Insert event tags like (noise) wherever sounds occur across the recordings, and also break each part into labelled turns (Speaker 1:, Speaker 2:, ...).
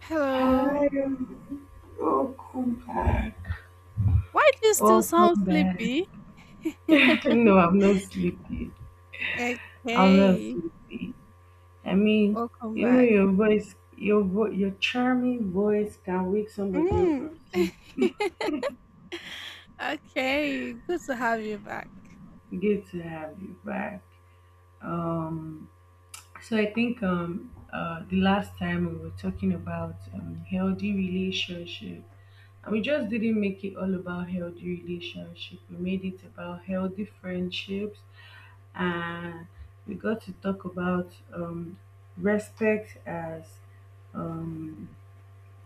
Speaker 1: Hello.
Speaker 2: Hi, welcome back.
Speaker 1: Why do you still sound
Speaker 2: Welcome back.
Speaker 1: sleepy?
Speaker 2: (laughs) No, I'm not sleepy. I'm not
Speaker 1: Okay.
Speaker 2: sleepy. I mean,
Speaker 1: Welcome
Speaker 2: you know
Speaker 1: back.
Speaker 2: your voice, your charming voice can wake somebody up
Speaker 1: Mm.
Speaker 2: from
Speaker 1: (laughs)
Speaker 2: sleep.
Speaker 1: Okay. Good to have you back.
Speaker 2: Good to have you back. Um, so I think the last time we were talking about healthy relationship, and we just didn't make it all about healthy relationship. We made it about healthy friendships. Uh, we got to talk about respect as um,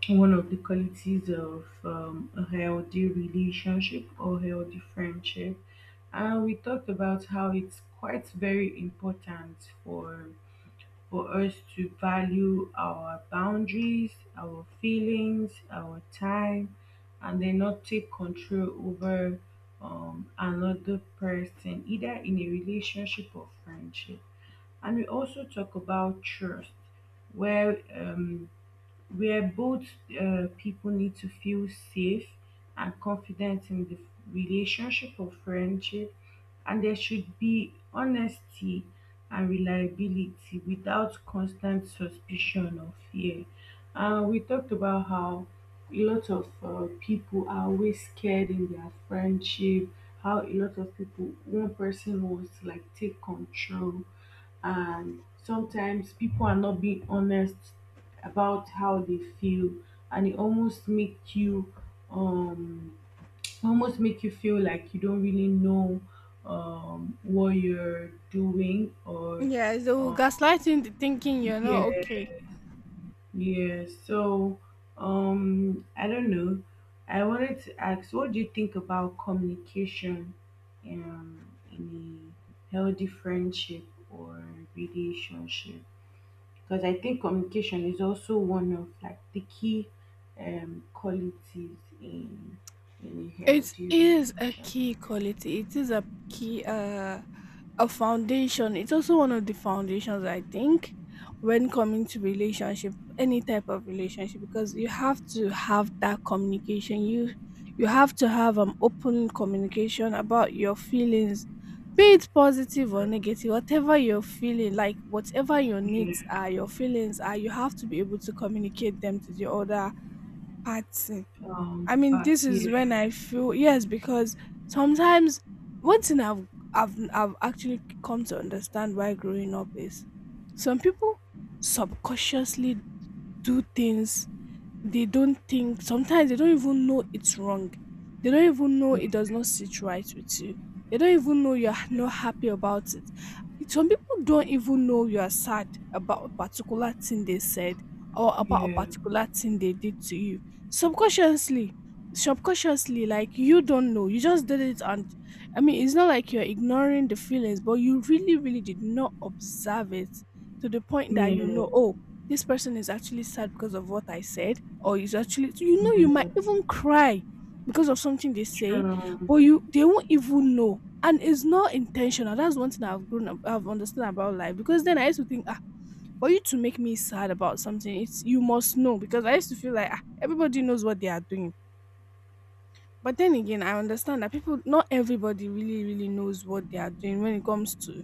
Speaker 2: one of the qualities of a healthy relationship or healthy friendship. And we talked about how it's quite very important for us to value our boundaries, our feelings, our time, and then not take control over another person, either in a relationship or friendship. And we also talk about trust, where um, where both people need to feel safe and confident in the relationship or friendship, and there should be honesty and reliability without constant suspicion or fear. We talked about how a lot of people are always scared in their friendship, how a lot of people, one person wants to like take control, and sometimes people are not being honest about how they feel, and it um almost make you feel like you don't really know what you're doing, or
Speaker 1: Yeah, so
Speaker 2: um
Speaker 1: gaslighting the thinking you're not
Speaker 2: yeah,
Speaker 1: okay.
Speaker 2: yeah. So I don't know. I wanted to ask, what do you think about communication um in a healthy friendship or relationship? Because I think communication is also one of like the key qualities in a
Speaker 1: It
Speaker 2: healthy
Speaker 1: is a
Speaker 2: relationship.
Speaker 1: key quality. It is a key, a foundation. It's also one of the foundations, I think, when coming to relationship, any type of relationship, because you have to have that communication. You have to have an open communication about your feelings, be it positive or negative, whatever you're feeling, like whatever your needs
Speaker 2: Yeah.
Speaker 1: are, your feelings are, you have to be able to communicate them to the other party. I mean,
Speaker 2: But
Speaker 1: this is
Speaker 2: yeah.
Speaker 1: when I feel yes, because sometimes one thing I've actually come to understand why growing up is, some people subconsciously do things. They don't think, sometimes they don't even know it's wrong, they don't even know it does not sit right with you, they don't even know you're not happy about it. Some people don't even know you are sad about a particular thing they said, or about a
Speaker 2: Yeah.
Speaker 1: particular thing they did to you. Subconsciously subconsciously like you don't know, you just did it. And I mean, it's not like you're ignoring the feelings, but you really really did not observe it to the point that
Speaker 2: Yeah.
Speaker 1: oh, this person is actually sad because of what I said, or is actually, you might
Speaker 2: Yeah.
Speaker 1: even cry because of something they say,
Speaker 2: True.
Speaker 1: but you they won't even know. And it's not intentional. That's one thing I've grown up, I've understood about life. Because then I used to think, ah, for you to make me sad about something, it's you must know. Because I used to feel like, ah, everybody knows what they are doing. But then again, I understand that people, not everybody really, really knows what they are doing when it comes to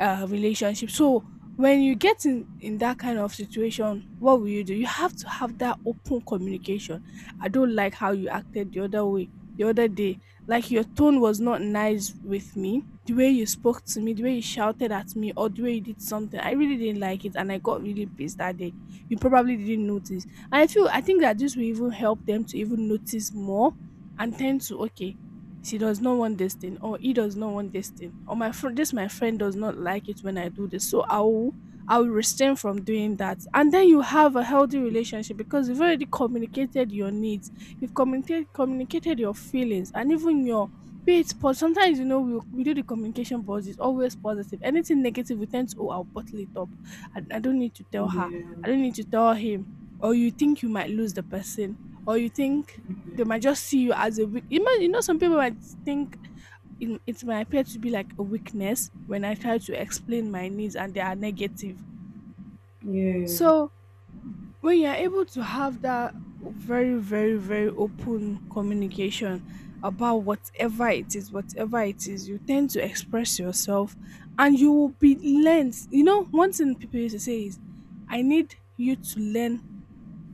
Speaker 1: relationship. So when you get in that kind of situation, what will you do? You have to have that open communication. I don't like how you acted the other way, the other day. Like, your tone was not nice with me. The way you spoke to me, the way you shouted at me, or the way you did something, I really didn't like it, and I got really pissed that day. You probably didn't notice, and I feel, I think that this will even help them to even notice more and tend to, okay, she does not want this thing, or he does not want this thing, or my friend, this, my friend does not like it when I do this, so I will restrain from doing that. And then you have a healthy relationship because you've already communicated your needs, you've communicated your feelings, and even your, be it, but sometimes, we do the communication, but it's always positive. Anything negative we tend to, oh, I'll bottle it up. I don't need to tell
Speaker 2: Yeah.
Speaker 1: her, I don't
Speaker 2: Yeah.
Speaker 1: need to tell him. Or you think you might lose the person, or you think they might just see you as a weak. Some people might think, it might appear to be like a weakness when I try to explain my needs and they are negative.
Speaker 2: Yeah.
Speaker 1: So when you're able to have that very, very, very open communication about whatever it is, you tend to express yourself, and you will be learned. You know, one thing people used to say is, I need you to learn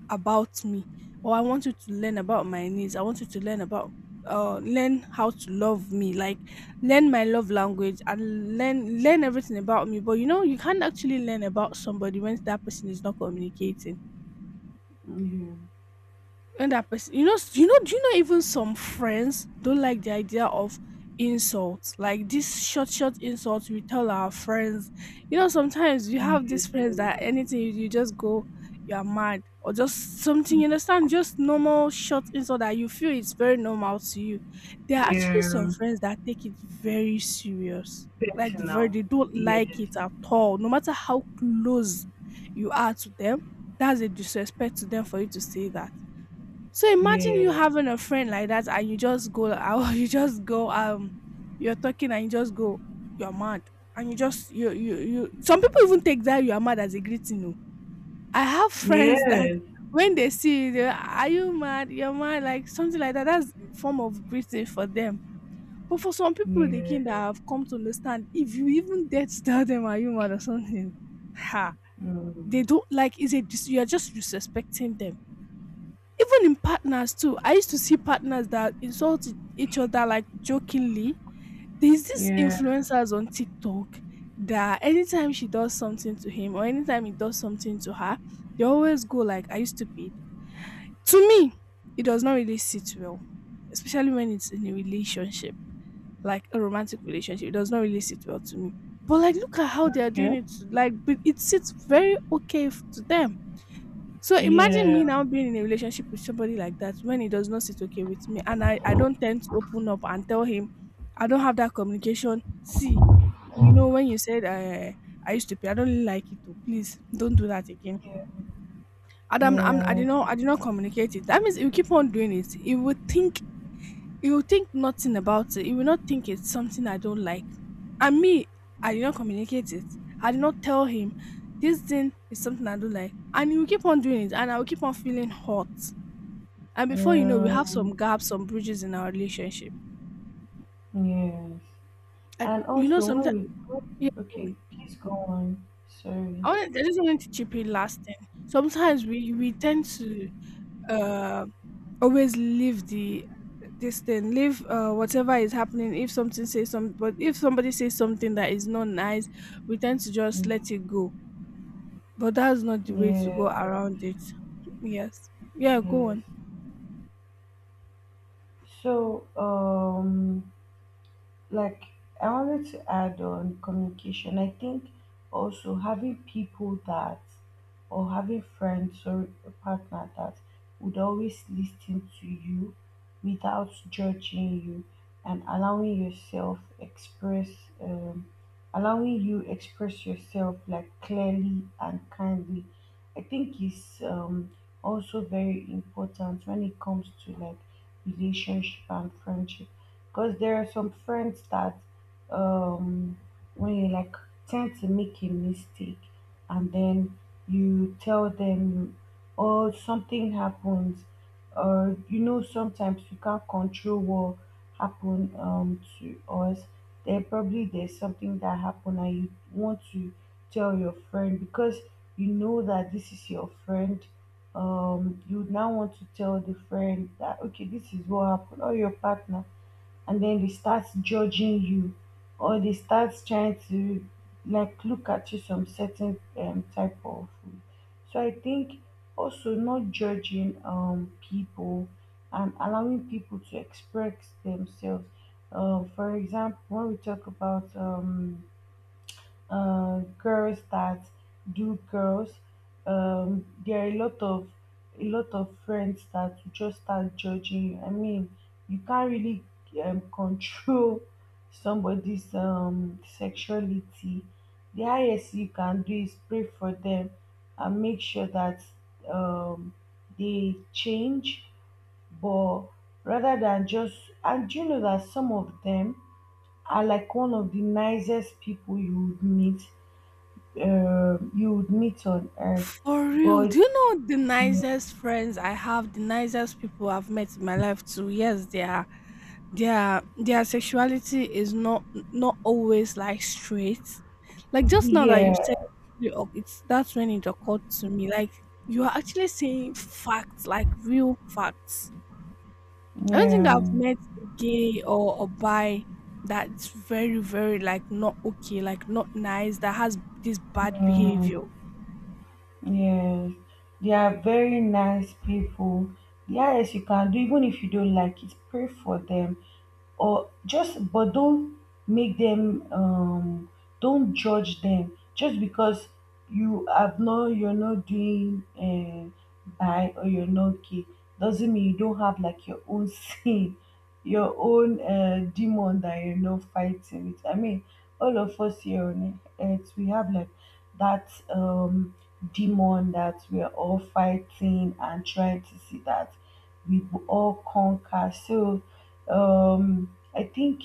Speaker 1: about me, or I want you to learn about my needs. I want you to learn about, learn how to love me, like learn my love language and learn everything about me. But you know, you can't actually learn about somebody when that person is not communicating, when that person, do you know, even some friends don't like the idea of insults, like this short insults we tell our friends. You know, sometimes you have these friends that anything you just go, you're mad, or just something you understand, just normal short insult that you feel it's very normal to you. There are
Speaker 2: Yeah.
Speaker 1: actually some
Speaker 2: Yeah.
Speaker 1: friends that take it very serious, like very,
Speaker 2: Personal.
Speaker 1: they don't
Speaker 2: Yes.
Speaker 1: like it at all, no matter how close you are to them. That's a disrespect to them for you to say that. So imagine you
Speaker 2: Yeah.
Speaker 1: having a friend like that, and you just go out, (laughs) you just go, you're talking and you just go, you're mad. And you just, some people even take that, "You are mad," as a greeting. No, I have (laughs) friends that
Speaker 2: Yes.
Speaker 1: when they see you, they are, "You mad? You're mad," like something like that. That's form of greeting for them. But for some people, they
Speaker 2: Yeah.
Speaker 1: think that, have come to understand, if you even dare to tell them, "Are you mad?" or something, (laughs) ha, they
Speaker 2: Mm.
Speaker 1: don't like, is it, you're just disrespecting them. Even in partners too, I used to see partners that insult each other like jokingly. There's this
Speaker 2: Yeah.
Speaker 1: influencers on TikTok that anytime she does something to him, or anytime he does something to her, they always go like, "Are you stupid?" To me, it does not really sit well, especially when it's in a relationship, like a romantic relationship. It does not really sit well to me. But like, look at how they are doing it. Like, but it sits very okay to them. So imagine me
Speaker 2: Yeah.
Speaker 1: now being in a relationship with somebody like that, when he does not sit okay with me, and I don't tend to open up and tell him, I don't have that communication. See, you know, when you said, I used to pay, I don't really like it too, please don't do that again.
Speaker 2: Yeah.
Speaker 1: And I'm, I'm I do
Speaker 2: Yeah.
Speaker 1: not I did not communicate it. That means he will keep on doing it. He will think nothing about it. He will not think it's something I don't like. And me, I did not communicate it. I did not tell him this thing is something I don't like. And he will keep on doing it, and I will keep on feeling hot. And before you know, we
Speaker 2: Yeah,
Speaker 1: have some gaps, some bridges in our relationship.
Speaker 2: yes.
Speaker 1: Like,
Speaker 2: And
Speaker 1: you know,
Speaker 2: also, when
Speaker 1: sometimes, yeah,
Speaker 2: we—
Speaker 1: go
Speaker 2: okay,
Speaker 1: on.
Speaker 2: please go on. Sorry.
Speaker 1: I just wanted to chip in last thing. Sometimes we tend to, uh, always leave the, this thing, leave, whatever is happening. If something says some, but if somebody says something that is not nice, we tend to just
Speaker 2: Yeah.
Speaker 1: let it go. But that's not the way to go
Speaker 2: Yeah.
Speaker 1: around it. Yes. Yeah. Go
Speaker 2: Yes.
Speaker 1: on.
Speaker 2: So, Like, I wanted to add on communication. I think also having people that or having friends or a partner that would always listen to you without judging you and um, allowing you express yourself like clearly and kindly. I think is also very important when it comes to like relationship and friendship, because there are some friends that um, when you like tend to make a mistake, and then you tell them, oh, something happens, or you know, sometimes you can't control what happened to us. There's something that happened and you want to tell your friend because you know that this is your friend. You now want to tell the friend that okay, this is what happened, or your partner, and then they start judging you, or they start trying to like look at you some certain type of way. So I think also not judging people, and allowing people to express themselves. For example, when we talk about girls that do girls. There are a lot of friends that will just start judging you. I mean, you can't really control somebody's sexuality. The highest you can do is pray for them and make sure that um, they change. But rather than just, and you know that some of them are like one of the nicest people you would meet, on earth.
Speaker 1: For real.
Speaker 2: But
Speaker 1: Do you know the
Speaker 2: yeah,
Speaker 1: nicest friends I have, the nicest people I've met in my life too? Yes, they are, their sexuality is not always like straight. Like, just now that you said
Speaker 2: yeah,
Speaker 1: it, oc- it's that's when it occurred to me. Like, you are actually saying facts, like real facts. I don't think I've met a gay or a bi that's very very like not okay, like not nice, that has this bad
Speaker 2: yeah,
Speaker 1: behavior.
Speaker 2: yes. They are very nice people. Yes, you can do, even if you don't like it. Pray for them. Or just but don't make them don't judge them just because you're not doing by, or you're not gay, doesn't mean you don't have like your own (laughs) sin, your own demon that you're not fighting with. I mean, all of us here on earth, we have like that um demon that we're all fighting and trying to see that we will all conquer. So I think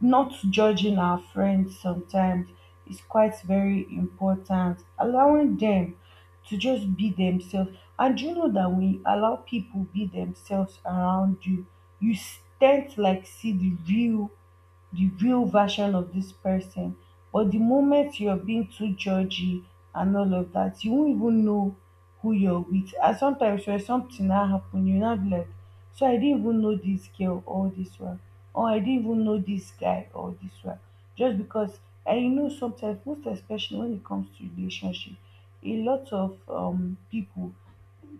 Speaker 2: not judging our friends sometimes is quite very important. Allowing them to just be themselves. And you know that when you allow people be themselves around you, you tend to like see the real version of this person. But the moment you're being too judgy and all of that, you won't even know who you're with. And sometimes when something now happen, you now be like, so I didn't even know this girl all this while, or I didn't even know this guy all this while, just because I know sometimes, most especially when it comes to relationship, a lot of people,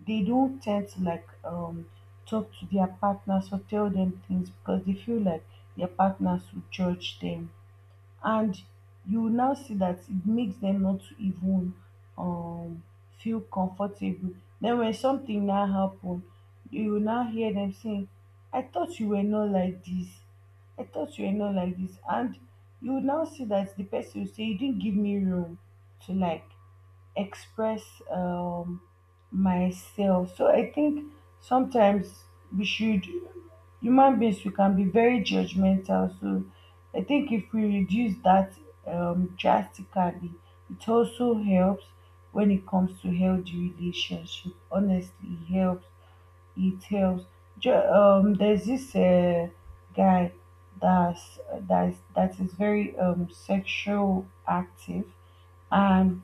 Speaker 2: they don't tend to like talk to their partners or tell them things because they feel like their partners will judge them. And you will now see that it makes them not to even um feel comfortable. Then when something now happen, you will now hear them saying, I thought you were not like this, I thought you were not like this. And you will now see that the person will say you didn't give me room to like express myself. So I think sometimes, we should human beings we can be very judgmental. So I think if we reduce that drastically, it also helps when it comes to healthy relationship. Honestly, it helps. It helps. There's this guy that's that is very sexual active, and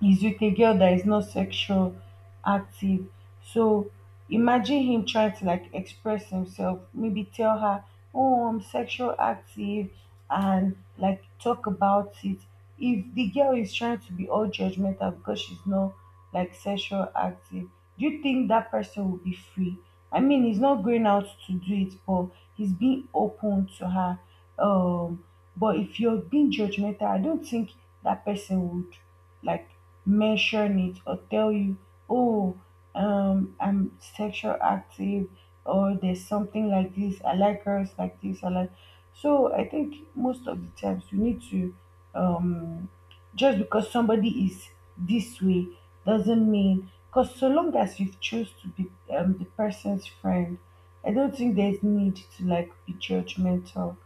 Speaker 2: he's with a girl that is not sexual active. So imagine him trying to like express himself, maybe tell her, oh, I'm sexual active, and like talk about it. If the girl is trying to be all judgmental because she's not like sexual active, do you think that person will be free? I mean, he's not going out to do it, but he's being open to her. Um but if you're being judgmental, I don't think that person would like mention it or tell you, oh, I'm sexual active, or there's something like this. I like girls like this. I like. So I think most of the times you need to, um, just because somebody is this way doesn't mean, because so long as you've chose to be the person's friend, I don't think there's need to like be judgmental.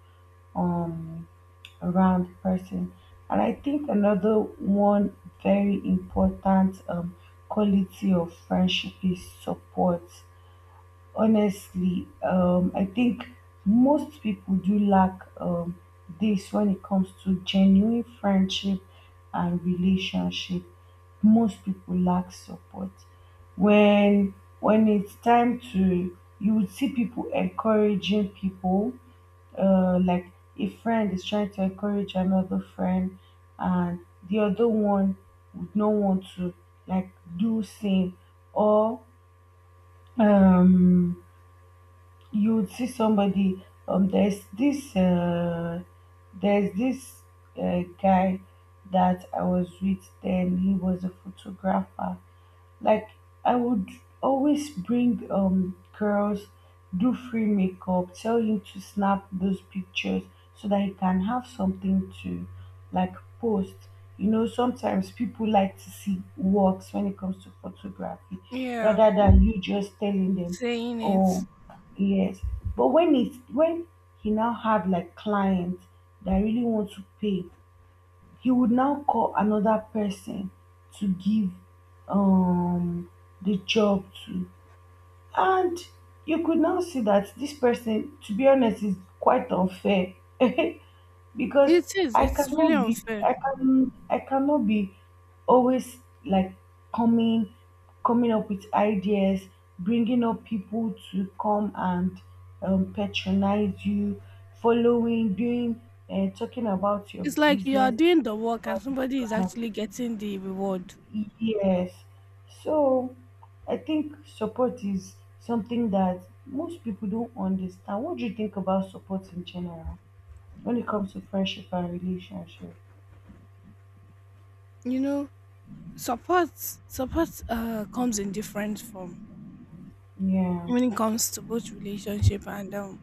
Speaker 2: Um, around person. And I think another one very important quality of friendship is support. Honestly, I think most people do lack this when it comes to genuine friendship and relationship. Most people lack support. When it's time to, you would see people encouraging people, like a friend is trying to encourage another friend, and the other one would not want to like do same. Or um you would see somebody, there's this guy that I was with then. He was a photographer. Like, I would always bring girls, do free makeup, tell him to snap those pictures so that he can have something to like post. You know, sometimes people like to see works when it comes to photography
Speaker 1: Yeah.
Speaker 2: rather than you just telling them,
Speaker 1: Saying it.
Speaker 2: oh. Yes. But when it's, when he now had like clients that really want to pay, he would now call another person to give um, the job to. And you could now see that this person, to be honest, is quite unfair (laughs) because
Speaker 1: It is.
Speaker 2: I
Speaker 1: It's really
Speaker 2: cannot be,
Speaker 1: unfair.
Speaker 2: I can, I cannot be always like coming, coming up with ideas, bringing up people to come and patronize you, following, doing, talking about your
Speaker 1: It's like you are
Speaker 2: business,
Speaker 1: doing the work and
Speaker 2: about your
Speaker 1: somebody is
Speaker 2: brand.
Speaker 1: actually getting the reward.
Speaker 2: Yes. So I think support is something that most people don't understand. What do you think about support in general when it comes to friendship and relationship?
Speaker 1: You know, support, support comes in different form
Speaker 2: Yeah.
Speaker 1: when it comes to both relationship and um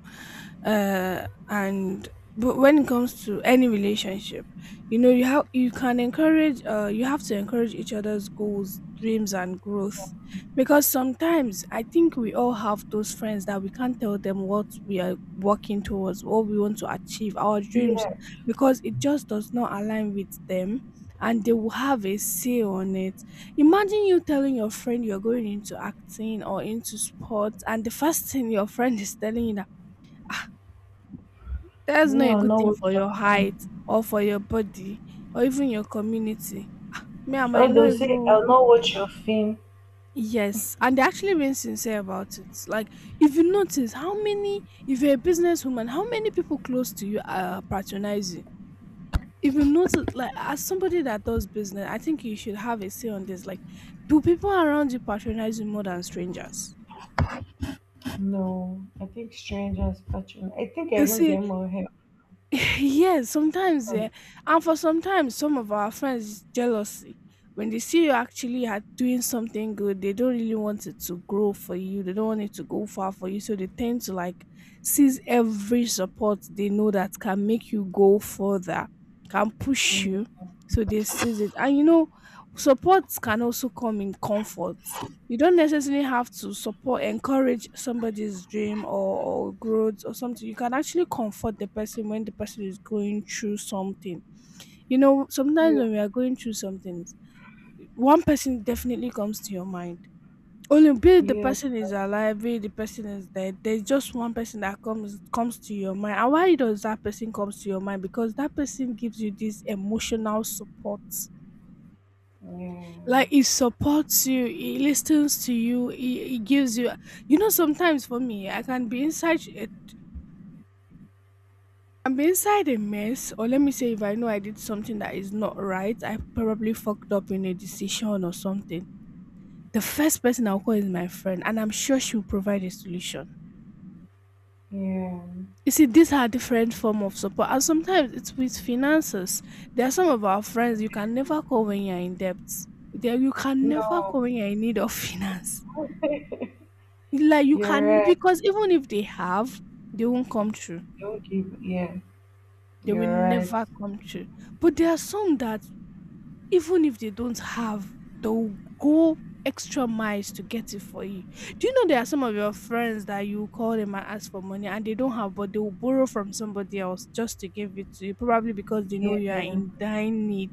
Speaker 1: uh and but when it comes to any relationship, you can encourage, you have to encourage each other's goals, dreams, and growth, because sometimes I think we all have those friends that we can't tell them what we are working towards, what we want to achieve, our dreams,
Speaker 2: Yeah.
Speaker 1: because it just does not align with them, and they will have a say on it. Imagine you telling your friend you're going into acting or into sports, and the first thing your friend is telling you, that that's not
Speaker 2: Me,
Speaker 1: a
Speaker 2: I'll
Speaker 1: good
Speaker 2: know
Speaker 1: thing
Speaker 2: what
Speaker 1: for
Speaker 2: your
Speaker 1: your height,
Speaker 2: fame.
Speaker 1: or for your body, or even your community. Me, I might
Speaker 2: Oh,
Speaker 1: not
Speaker 2: they'll say,
Speaker 1: even.
Speaker 2: I'll know what your fame.
Speaker 1: Yes, and they're actually being sincere about it. Like, if you notice how many, if you're a businesswoman, how many people close to you are patronizing? If you notice, like, as somebody that does business, I think you should have a say on this. Like, do people around you patronize you more than strangers?
Speaker 2: No, I think strangers patron. I think I
Speaker 1: You
Speaker 2: even
Speaker 1: see,
Speaker 2: get more help
Speaker 1: (laughs) yes, sometimes, yeah.
Speaker 2: from.
Speaker 1: And for sometimes, some of our friends is jealousy. When they see you actually are doing something good, they don't really want it to grow for you. They don't want it to go far for you. So they tend to like seize every support they know that can make you go further, can push
Speaker 2: Yeah.
Speaker 1: you. So they seize it. And supports can also come in comfort. You don't necessarily have to support encourage somebody's dream, or growth or something. You can actually comfort the person when the person is going through something. Sometimes
Speaker 2: Yeah.
Speaker 1: when we are going through something, one person definitely comes to your mind, only be it the
Speaker 2: Yeah.
Speaker 1: person is alive, be it the person is dead. There's just one person that comes to your mind. And why does that person comes to your mind? Because that person gives you this emotional support.
Speaker 2: Yeah.
Speaker 1: Like, it supports you, it listens to you, it gives you. You know Sometimes for me I can be inside a I'm inside a mess. Or let me say, if I know I did something that is not right, I probably fucked up in a decision or something. The first person I'll call is my friend, and I'm sure she'll provide a solution.
Speaker 2: Yeah.
Speaker 1: You see, these are different form of support, and sometimes it's with finances. There are some of our friends you can never call when you're in debt. There, you can never
Speaker 2: No.
Speaker 1: call when you're in need of (laughs) finance. Like,
Speaker 2: (laughs)
Speaker 1: you
Speaker 2: You're
Speaker 1: can,
Speaker 2: right.
Speaker 1: because even if they have, they won't come true.
Speaker 2: Don't give. Yeah,
Speaker 1: They will
Speaker 2: you're right.
Speaker 1: never come true. But there are some that, even if they don't have, they'll go extra miles to get it for you. Do you know there are some of your friends that you call them and ask for money and they don't have, but they will borrow from somebody else just to give it to you, probably because they know
Speaker 2: Yeah,
Speaker 1: you are in dire need.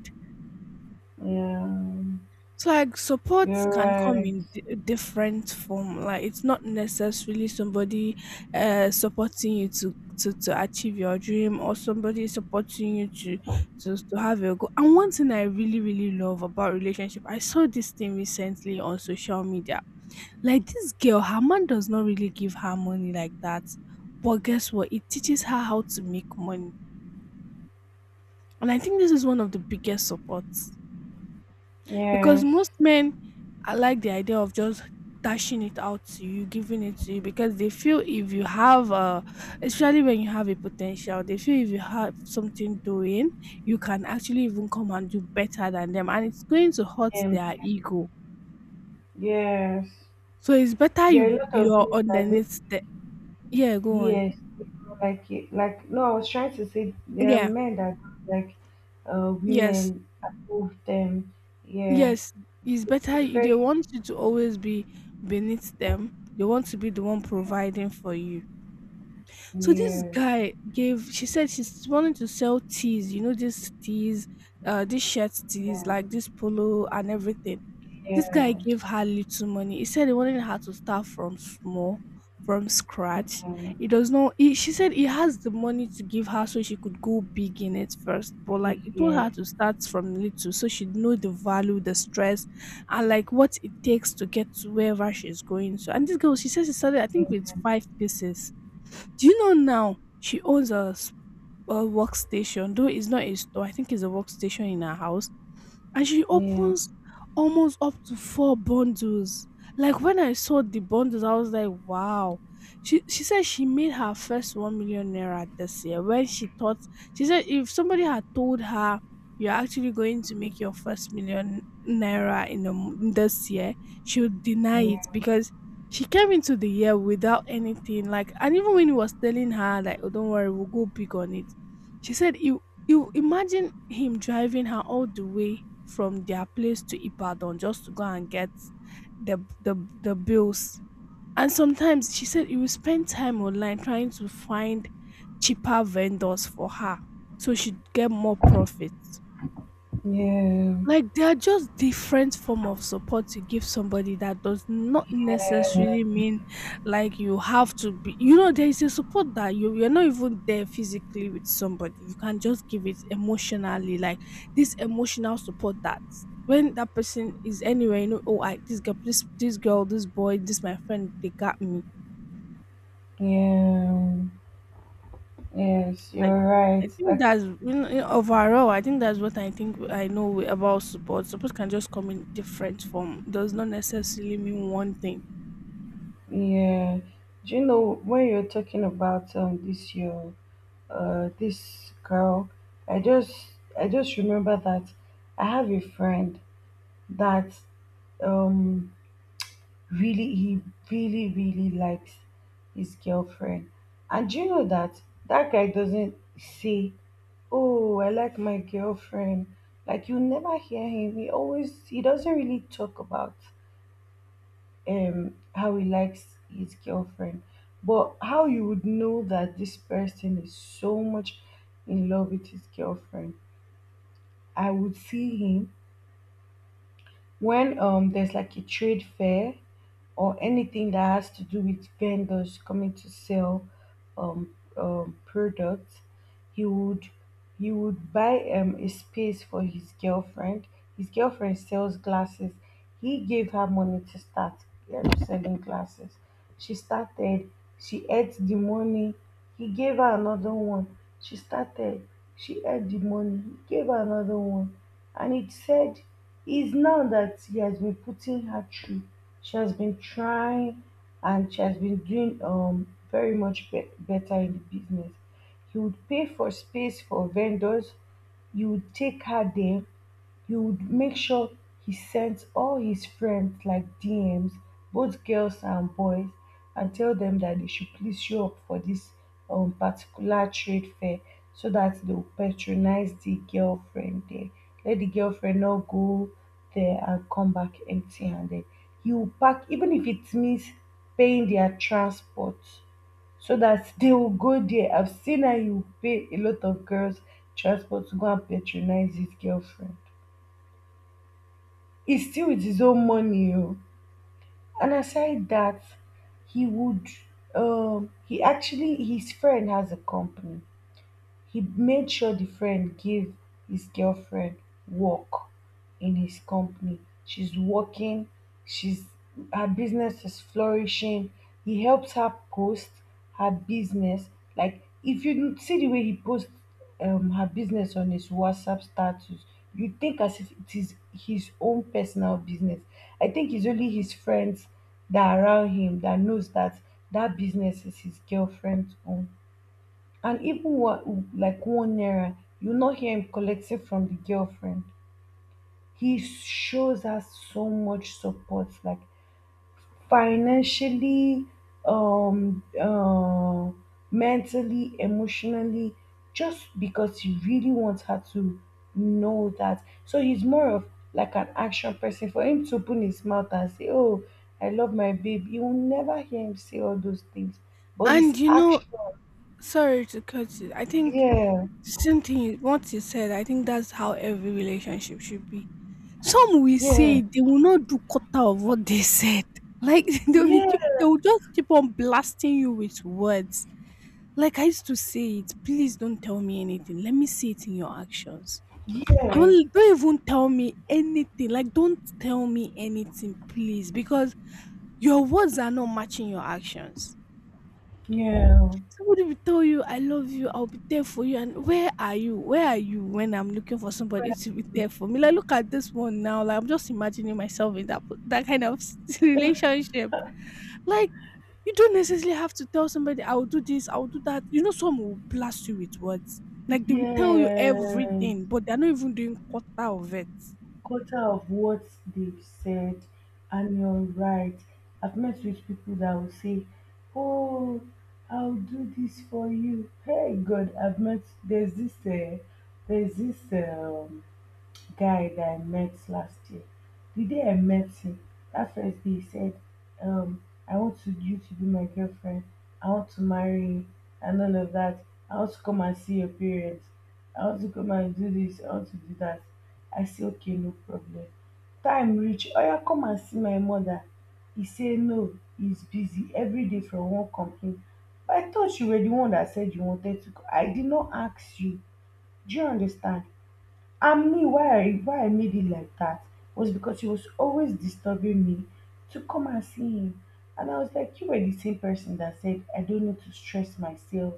Speaker 2: yeah,
Speaker 1: So, like, support
Speaker 2: you're
Speaker 1: can come
Speaker 2: right.
Speaker 1: in different form. Like, it's not necessarily somebody supporting you to achieve your dream, or somebody supporting you to have your goal. And one thing I really really love about relationship, I saw this thing recently on social media. Like, this girl, her man does not really give her money like that, but guess what? It teaches her how to make money, and I think this is one of the biggest supports. Because
Speaker 2: Yes,
Speaker 1: most men I like the idea of just dashing it out to you, giving it to you, because they feel if you have especially when you have a potential, they feel if you have something doing, you can actually even come and do better than them, and it's going to hurt their
Speaker 2: um,
Speaker 1: ego.
Speaker 2: yes.
Speaker 1: So it's better
Speaker 2: There are a
Speaker 1: you
Speaker 2: lot of
Speaker 1: you're
Speaker 2: men that do.
Speaker 1: underneath the yeah, go on.
Speaker 2: Yes, like, no. I was trying to say there are
Speaker 1: Yeah.
Speaker 2: men that don't like
Speaker 1: Yes.
Speaker 2: women approve them. Yeah,
Speaker 1: Yes. It's better
Speaker 2: prefer.
Speaker 1: they want you to always be beneath them. They want to be the one providing for you. So this
Speaker 2: Yes,
Speaker 1: guy gave, she said she's wanting to sell teas, you know, these teas, these shirt teas,
Speaker 2: yeah,
Speaker 1: like this polo and everything. This guy
Speaker 2: yes,
Speaker 1: gave her little money. He said he wanted her to start from small, from scratch.
Speaker 2: yeah,
Speaker 1: He does not he, she said he has the money to give her so she could go big in it first. But like,
Speaker 2: big,
Speaker 1: he told
Speaker 2: yeah,
Speaker 1: her to start from little so she'd know the value, the stress, and like what it takes to get to wherever she's going to. And this girl, she says she started, I think, with 5 pieces. Do you know now she owns a, a workstation, though it's not a store. I think it's a workstation in her house, and she
Speaker 2: yeah,
Speaker 1: opens almost up to 4 bundles. Like, when I saw the bundles, I was like, wow. She said she made her first 1 million naira this year when she thought. She said if somebody had told her you're actually going to make your first million naira in this year, she would deny it, because she came into the year without anything. Like, and even when he was telling her like, oh, don't worry, we'll go big on it, she said it. You imagine him driving her all the way from their place to Ibadan just to go and get the bills. And sometimes she said he will spend time online trying to find cheaper vendors for her so she'd get more profits.
Speaker 2: yeah,
Speaker 1: Like, they are just different form of support to give somebody that does not
Speaker 2: yeah, yeah.
Speaker 1: necessarily mean, like, you have to be. There is a support that you you're not even there physically with somebody, you can just give it emotionally, like this emotional support that when that person is anywhere, oh, I, this girl, please, this girl, this boy, this my friend, they got me.
Speaker 2: Yeah. Yes,
Speaker 1: I,
Speaker 2: you're right.
Speaker 1: I think
Speaker 2: Like,
Speaker 1: that's, overall, I think that's what I think I know about support. Support can just come in different form. Does not necessarily mean one thing.
Speaker 2: yeah, do you know when you're talking about this girl? I just I just remember that I have a friend that um really he really really likes his girlfriend, and do you know that that guy doesn't say, "Oh, I like my girlfriend." Like, you never hear him. He doesn't really talk about how he likes his girlfriend, but how you would know that this person is so much in love with his girlfriend. I would see him when there's like a trade fair or anything that has to do with vendors coming to sell um, products. He would he would buy a space for his girlfriend. His girlfriend sells glasses. He gave her money to start selling glasses. She started. She ate the money. He gave her another one. She started. She ate the money. He gave her another one, and it said is now that he has been putting her through. She has been trying and she has been doing very better in the business. He would pay for space for vendors. He would take her there, he would make sure he sent all his friends like DMs, both girls and boys, and tell them that they should please show up for this particular trade fair so that they will patronize the girlfriend there. Let the girlfriend not go there and come back empty handed. He will pack, even if it means paying their transport, so that (laughs) they will go there. I've seen how you pay a lot of girls transport to go and patronize his girlfriend. He's still with his own money. Oh. And aside that, he would he actually his friend has a company, he made sure the friend gave his girlfriend work in his company. She's working, she's her business is flourishing. He helps her post her business. Like if you see the way he posts her business on his WhatsApp status, you think as if it is his own personal business. I think it's only his friends that are around him that knows that that business is his girlfriend's own, and even what, like one naira you not hear him collecting from the girlfriend. He shows her so much support, like financially, um uh, mentally, emotionally, just because he really wants her to know that. So he's more of like an action person. For him to open his mouth and say, oh, I love my babe, you will never hear him say all those things, but
Speaker 1: And
Speaker 2: his
Speaker 1: you know,
Speaker 2: action.
Speaker 1: sorry to cut it. I think
Speaker 2: Yeah.
Speaker 1: the same thing what you said. I think that's how every relationship should be. Some will
Speaker 2: Yeah,
Speaker 1: say they will not do quarter of what they said. Like, (laughs)
Speaker 2: yeah.
Speaker 1: they will just keep on blasting you with words. Like, I used to say it. Please don't tell me anything. Let me see it in your actions.
Speaker 2: Yes,
Speaker 1: Don't even tell me anything, like, don't tell me anything, please, because your words are not matching your actions.
Speaker 2: yeah,
Speaker 1: Somebody will tell you, "I love you, I'll be there for you," and where are you? Where are you when I'm looking for somebody to be there for me? Like, look at this one now, like, I'm just imagining myself in that kind of (laughs) relationship. Like, you don't necessarily have to tell somebody, "I will do this, I will do that." You know, some will blast you with words. Like, they will tell you
Speaker 2: yes.
Speaker 1: everything, but they're not even doing quarter of it.
Speaker 2: Quarter of what they've said, and you're right. I've met with people that will say, "Oh, I'll do this for you." Hey, God, I've met. There's this. There's this. Guy that I met last year. The day I met him, that first day, he said, um, I want to, you to be my girlfriend. I want to marry you and all of that. I want to come and see your parents. I want to come and do this. I want to do that. I say, okay, no problem. Time reach. Oh, yeah, come and see my mother. He say, no, he's busy every day from one company. But I thought you were the one that said you wanted to. I did not ask you. Do you understand? And me, why I made it like that was because he was always disturbing me to come and see him. And I was like, you were the same person that said I don't need to stress myself.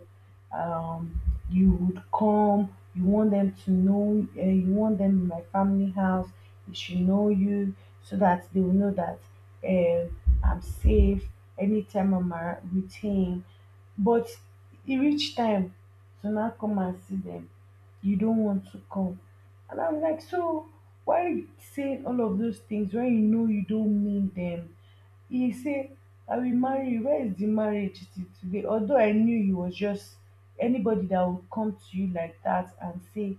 Speaker 2: Um, you would come, you want them to know, you want them in my family house. They should know you so that they will know that um I'm safe anytime I'm with him. But it reached time to now come and see them. You don't want to come. And I'm like, so why saying all of those things when you know you don't mean them? He say, I will marry you. Where is the marriage today? Although I knew he was just, anybody that would come to you like that and say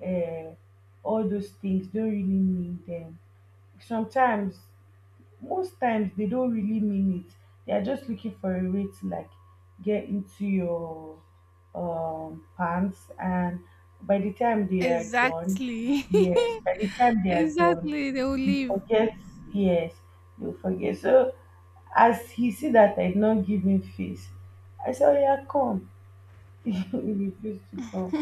Speaker 2: uh, all those things don't really mean them. Sometimes, most times, they don't really mean it. They're just looking for a way to like get into your pants, and by the time they are done,
Speaker 1: Exactly.
Speaker 2: yes,
Speaker 1: (laughs)
Speaker 2: by the time they are done,
Speaker 1: Exactly. They will
Speaker 2: you
Speaker 1: leave.
Speaker 2: forget, yes, you forget. So as he see that I did not give him face, I said, oh yeah, come. (laughs) He refused to come.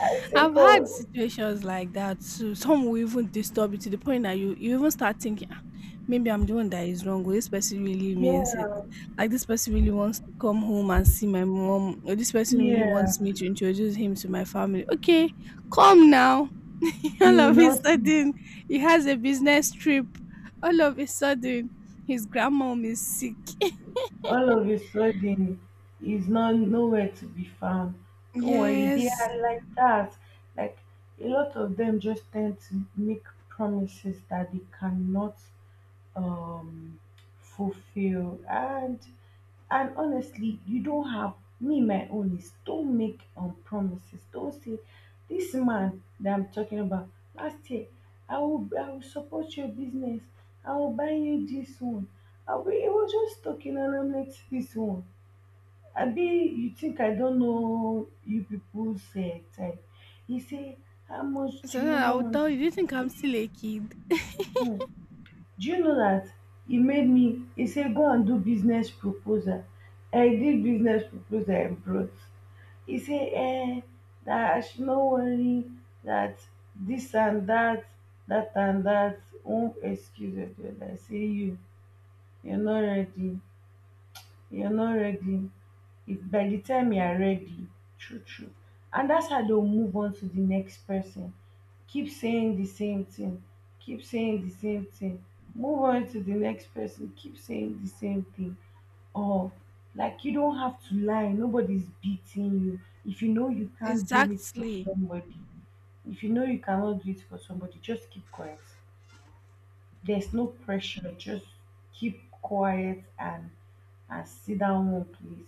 Speaker 2: I said,
Speaker 1: I've had
Speaker 2: come.
Speaker 1: situations like that too. Some will even disturb you to the point that you even start thinking, "Ah, maybe I'm doing that is wrong. Or this person really means it.
Speaker 2: Yeah,
Speaker 1: Like, this person really wants to come home and see my mom. Or this person really
Speaker 2: yeah.
Speaker 1: wants me to introduce him to my family. Okay, come now." (laughs) All
Speaker 2: You will
Speaker 1: of a
Speaker 2: not see,
Speaker 1: sudden, he has a business trip. All of a sudden, his grandmom is sick.
Speaker 2: all of a sudden is not nowhere to be found.
Speaker 1: (laughs)
Speaker 2: Don't worry, they
Speaker 1: Yes.
Speaker 2: are like that. Like a lot of them just tend to make promises that they cannot um fulfill. And honestly, you don have, me my own is don make promises, don say dis man dat I'm talking about last year, i will support your business, I will buy you dis one, I will, he was just talking and I'm like, this one, abi you think I don't know you people's type? He say, how much do
Speaker 1: So
Speaker 2: you
Speaker 1: now I would
Speaker 2: want?
Speaker 1: tell you, do you think I'm still a kid?
Speaker 2: Hmm. Do you know that he made me, he say go and do business proposal, I did business proposal and brought, he say eh, that I should not worry, that this and that, that and that won't excuse it. I say you, you're not ready. You're not ready. If by the time you are ready, true true. And that's how they'll move on to the next person. Keep saying the same thing. Keep saying the same thing. Move on to the next person. Keep saying the same thing. Or, like, you don't have to lie, nobody's beating you. If you know you can't do it for
Speaker 1: Exactly.
Speaker 2: somebody, if you know you cannot do it for somebody, just keep quiet. There's no pressure, just keep quiet and sit down one place.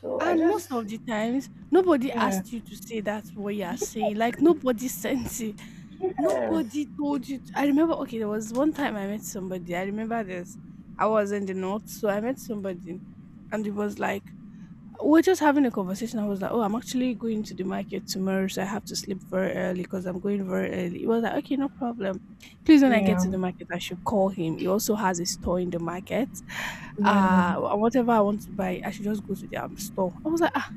Speaker 2: So I
Speaker 1: And
Speaker 2: just,
Speaker 1: most of the times, nobody
Speaker 2: yeah,
Speaker 1: asked you to say that what you are saying. Like, nobody (laughs) sent it.
Speaker 2: yes.
Speaker 1: Nobody told you. I remember. Okay, there was one time I met somebody. I remember this. I was in the north, so I met somebody, and it was like we're just having a conversation. I was like, "Oh, I'm actually going to the market tomorrow, so I have to sleep very early because I'm going very early." He was like, "Okay, no problem. Please, when I get to
Speaker 2: Yeah,
Speaker 1: the market, I should call him. He also has a store in the market.
Speaker 2: yeah,
Speaker 1: Whatever I want to buy, I should just go to the store." I was like, "Ah,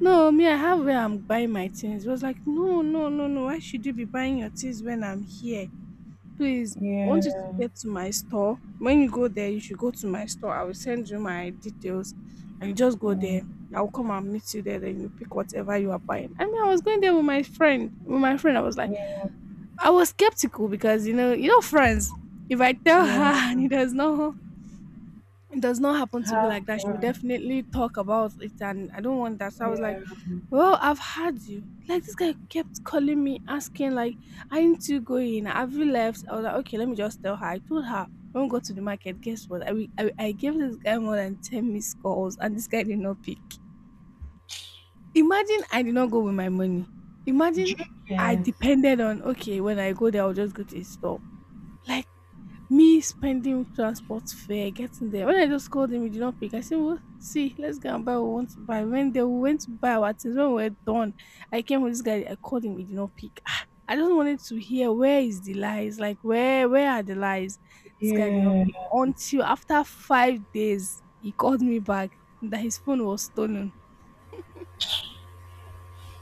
Speaker 1: no, me, I have where I'm buying my things." He was like, "No, no, no, no. Why should you be buying your things when I'm here? Please, I want you
Speaker 2: yeah,
Speaker 1: to get to my store. When you go there, you should go to my store. I will send you my details and you just go there. I will come and meet you there. Then you pick whatever you are buying." I mean, I was going there with my friend. With my friend, I was like, I was skeptical because friends. If I tell
Speaker 2: yeah.
Speaker 1: her (laughs) and it does not, it does not happen to be
Speaker 2: Have
Speaker 1: like that, she will
Speaker 2: fun.
Speaker 1: definitely talk about it, and I don't want that. So I was
Speaker 2: Yeah.
Speaker 1: like, "Well, I've had you." Like, this guy kept calling me, asking like, "Aren't you going? Have you left?" I was like, "Okay, let me just tell her." I told her, "Don't go to the market." Guess what? I gave this guy more than 10 missed calls, and this guy did not pick. Imagine I did not go with my money. Imagine
Speaker 2: Joke,
Speaker 1: I
Speaker 2: yes.
Speaker 1: depended on, okay, when I go there, I'll just go to his store. Like, me spending transport fare, getting there. When I just called him, he did not pick. I said, "Well, see, let's go and buy what we want to buy." When they went to buy our things, when we were done, I came with this guy, I called him, he did not pick. Ah, I just wanted to hear, where is the lies? Like, where are the lies? This guy did not
Speaker 2: Yeah,
Speaker 1: pick. Until after 5 days, he called me back that his phone was stolen.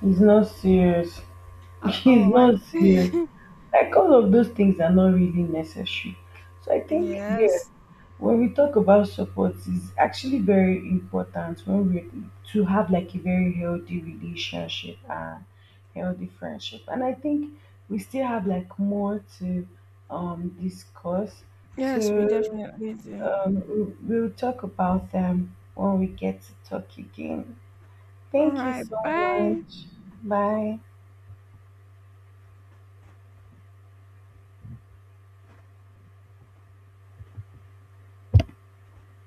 Speaker 2: it's not serious. (laughs)
Speaker 1: At all.
Speaker 2: It's
Speaker 1: Like
Speaker 2: not serious.
Speaker 1: (laughs)
Speaker 2: Like, all of those things are not really necessary. So I think, yeah,
Speaker 1: Yes.
Speaker 2: when we talk about support, it's actually very important when we, to have like a very healthy relationship and healthy friendship. And I think we still have like more to discuss.
Speaker 1: Yes, we
Speaker 2: So
Speaker 1: definitely do.
Speaker 2: um we- we'll talk about them when we get to talk again.
Speaker 1: All
Speaker 2: Thank you
Speaker 1: right,
Speaker 2: so
Speaker 1: bye.
Speaker 2: much. Bye.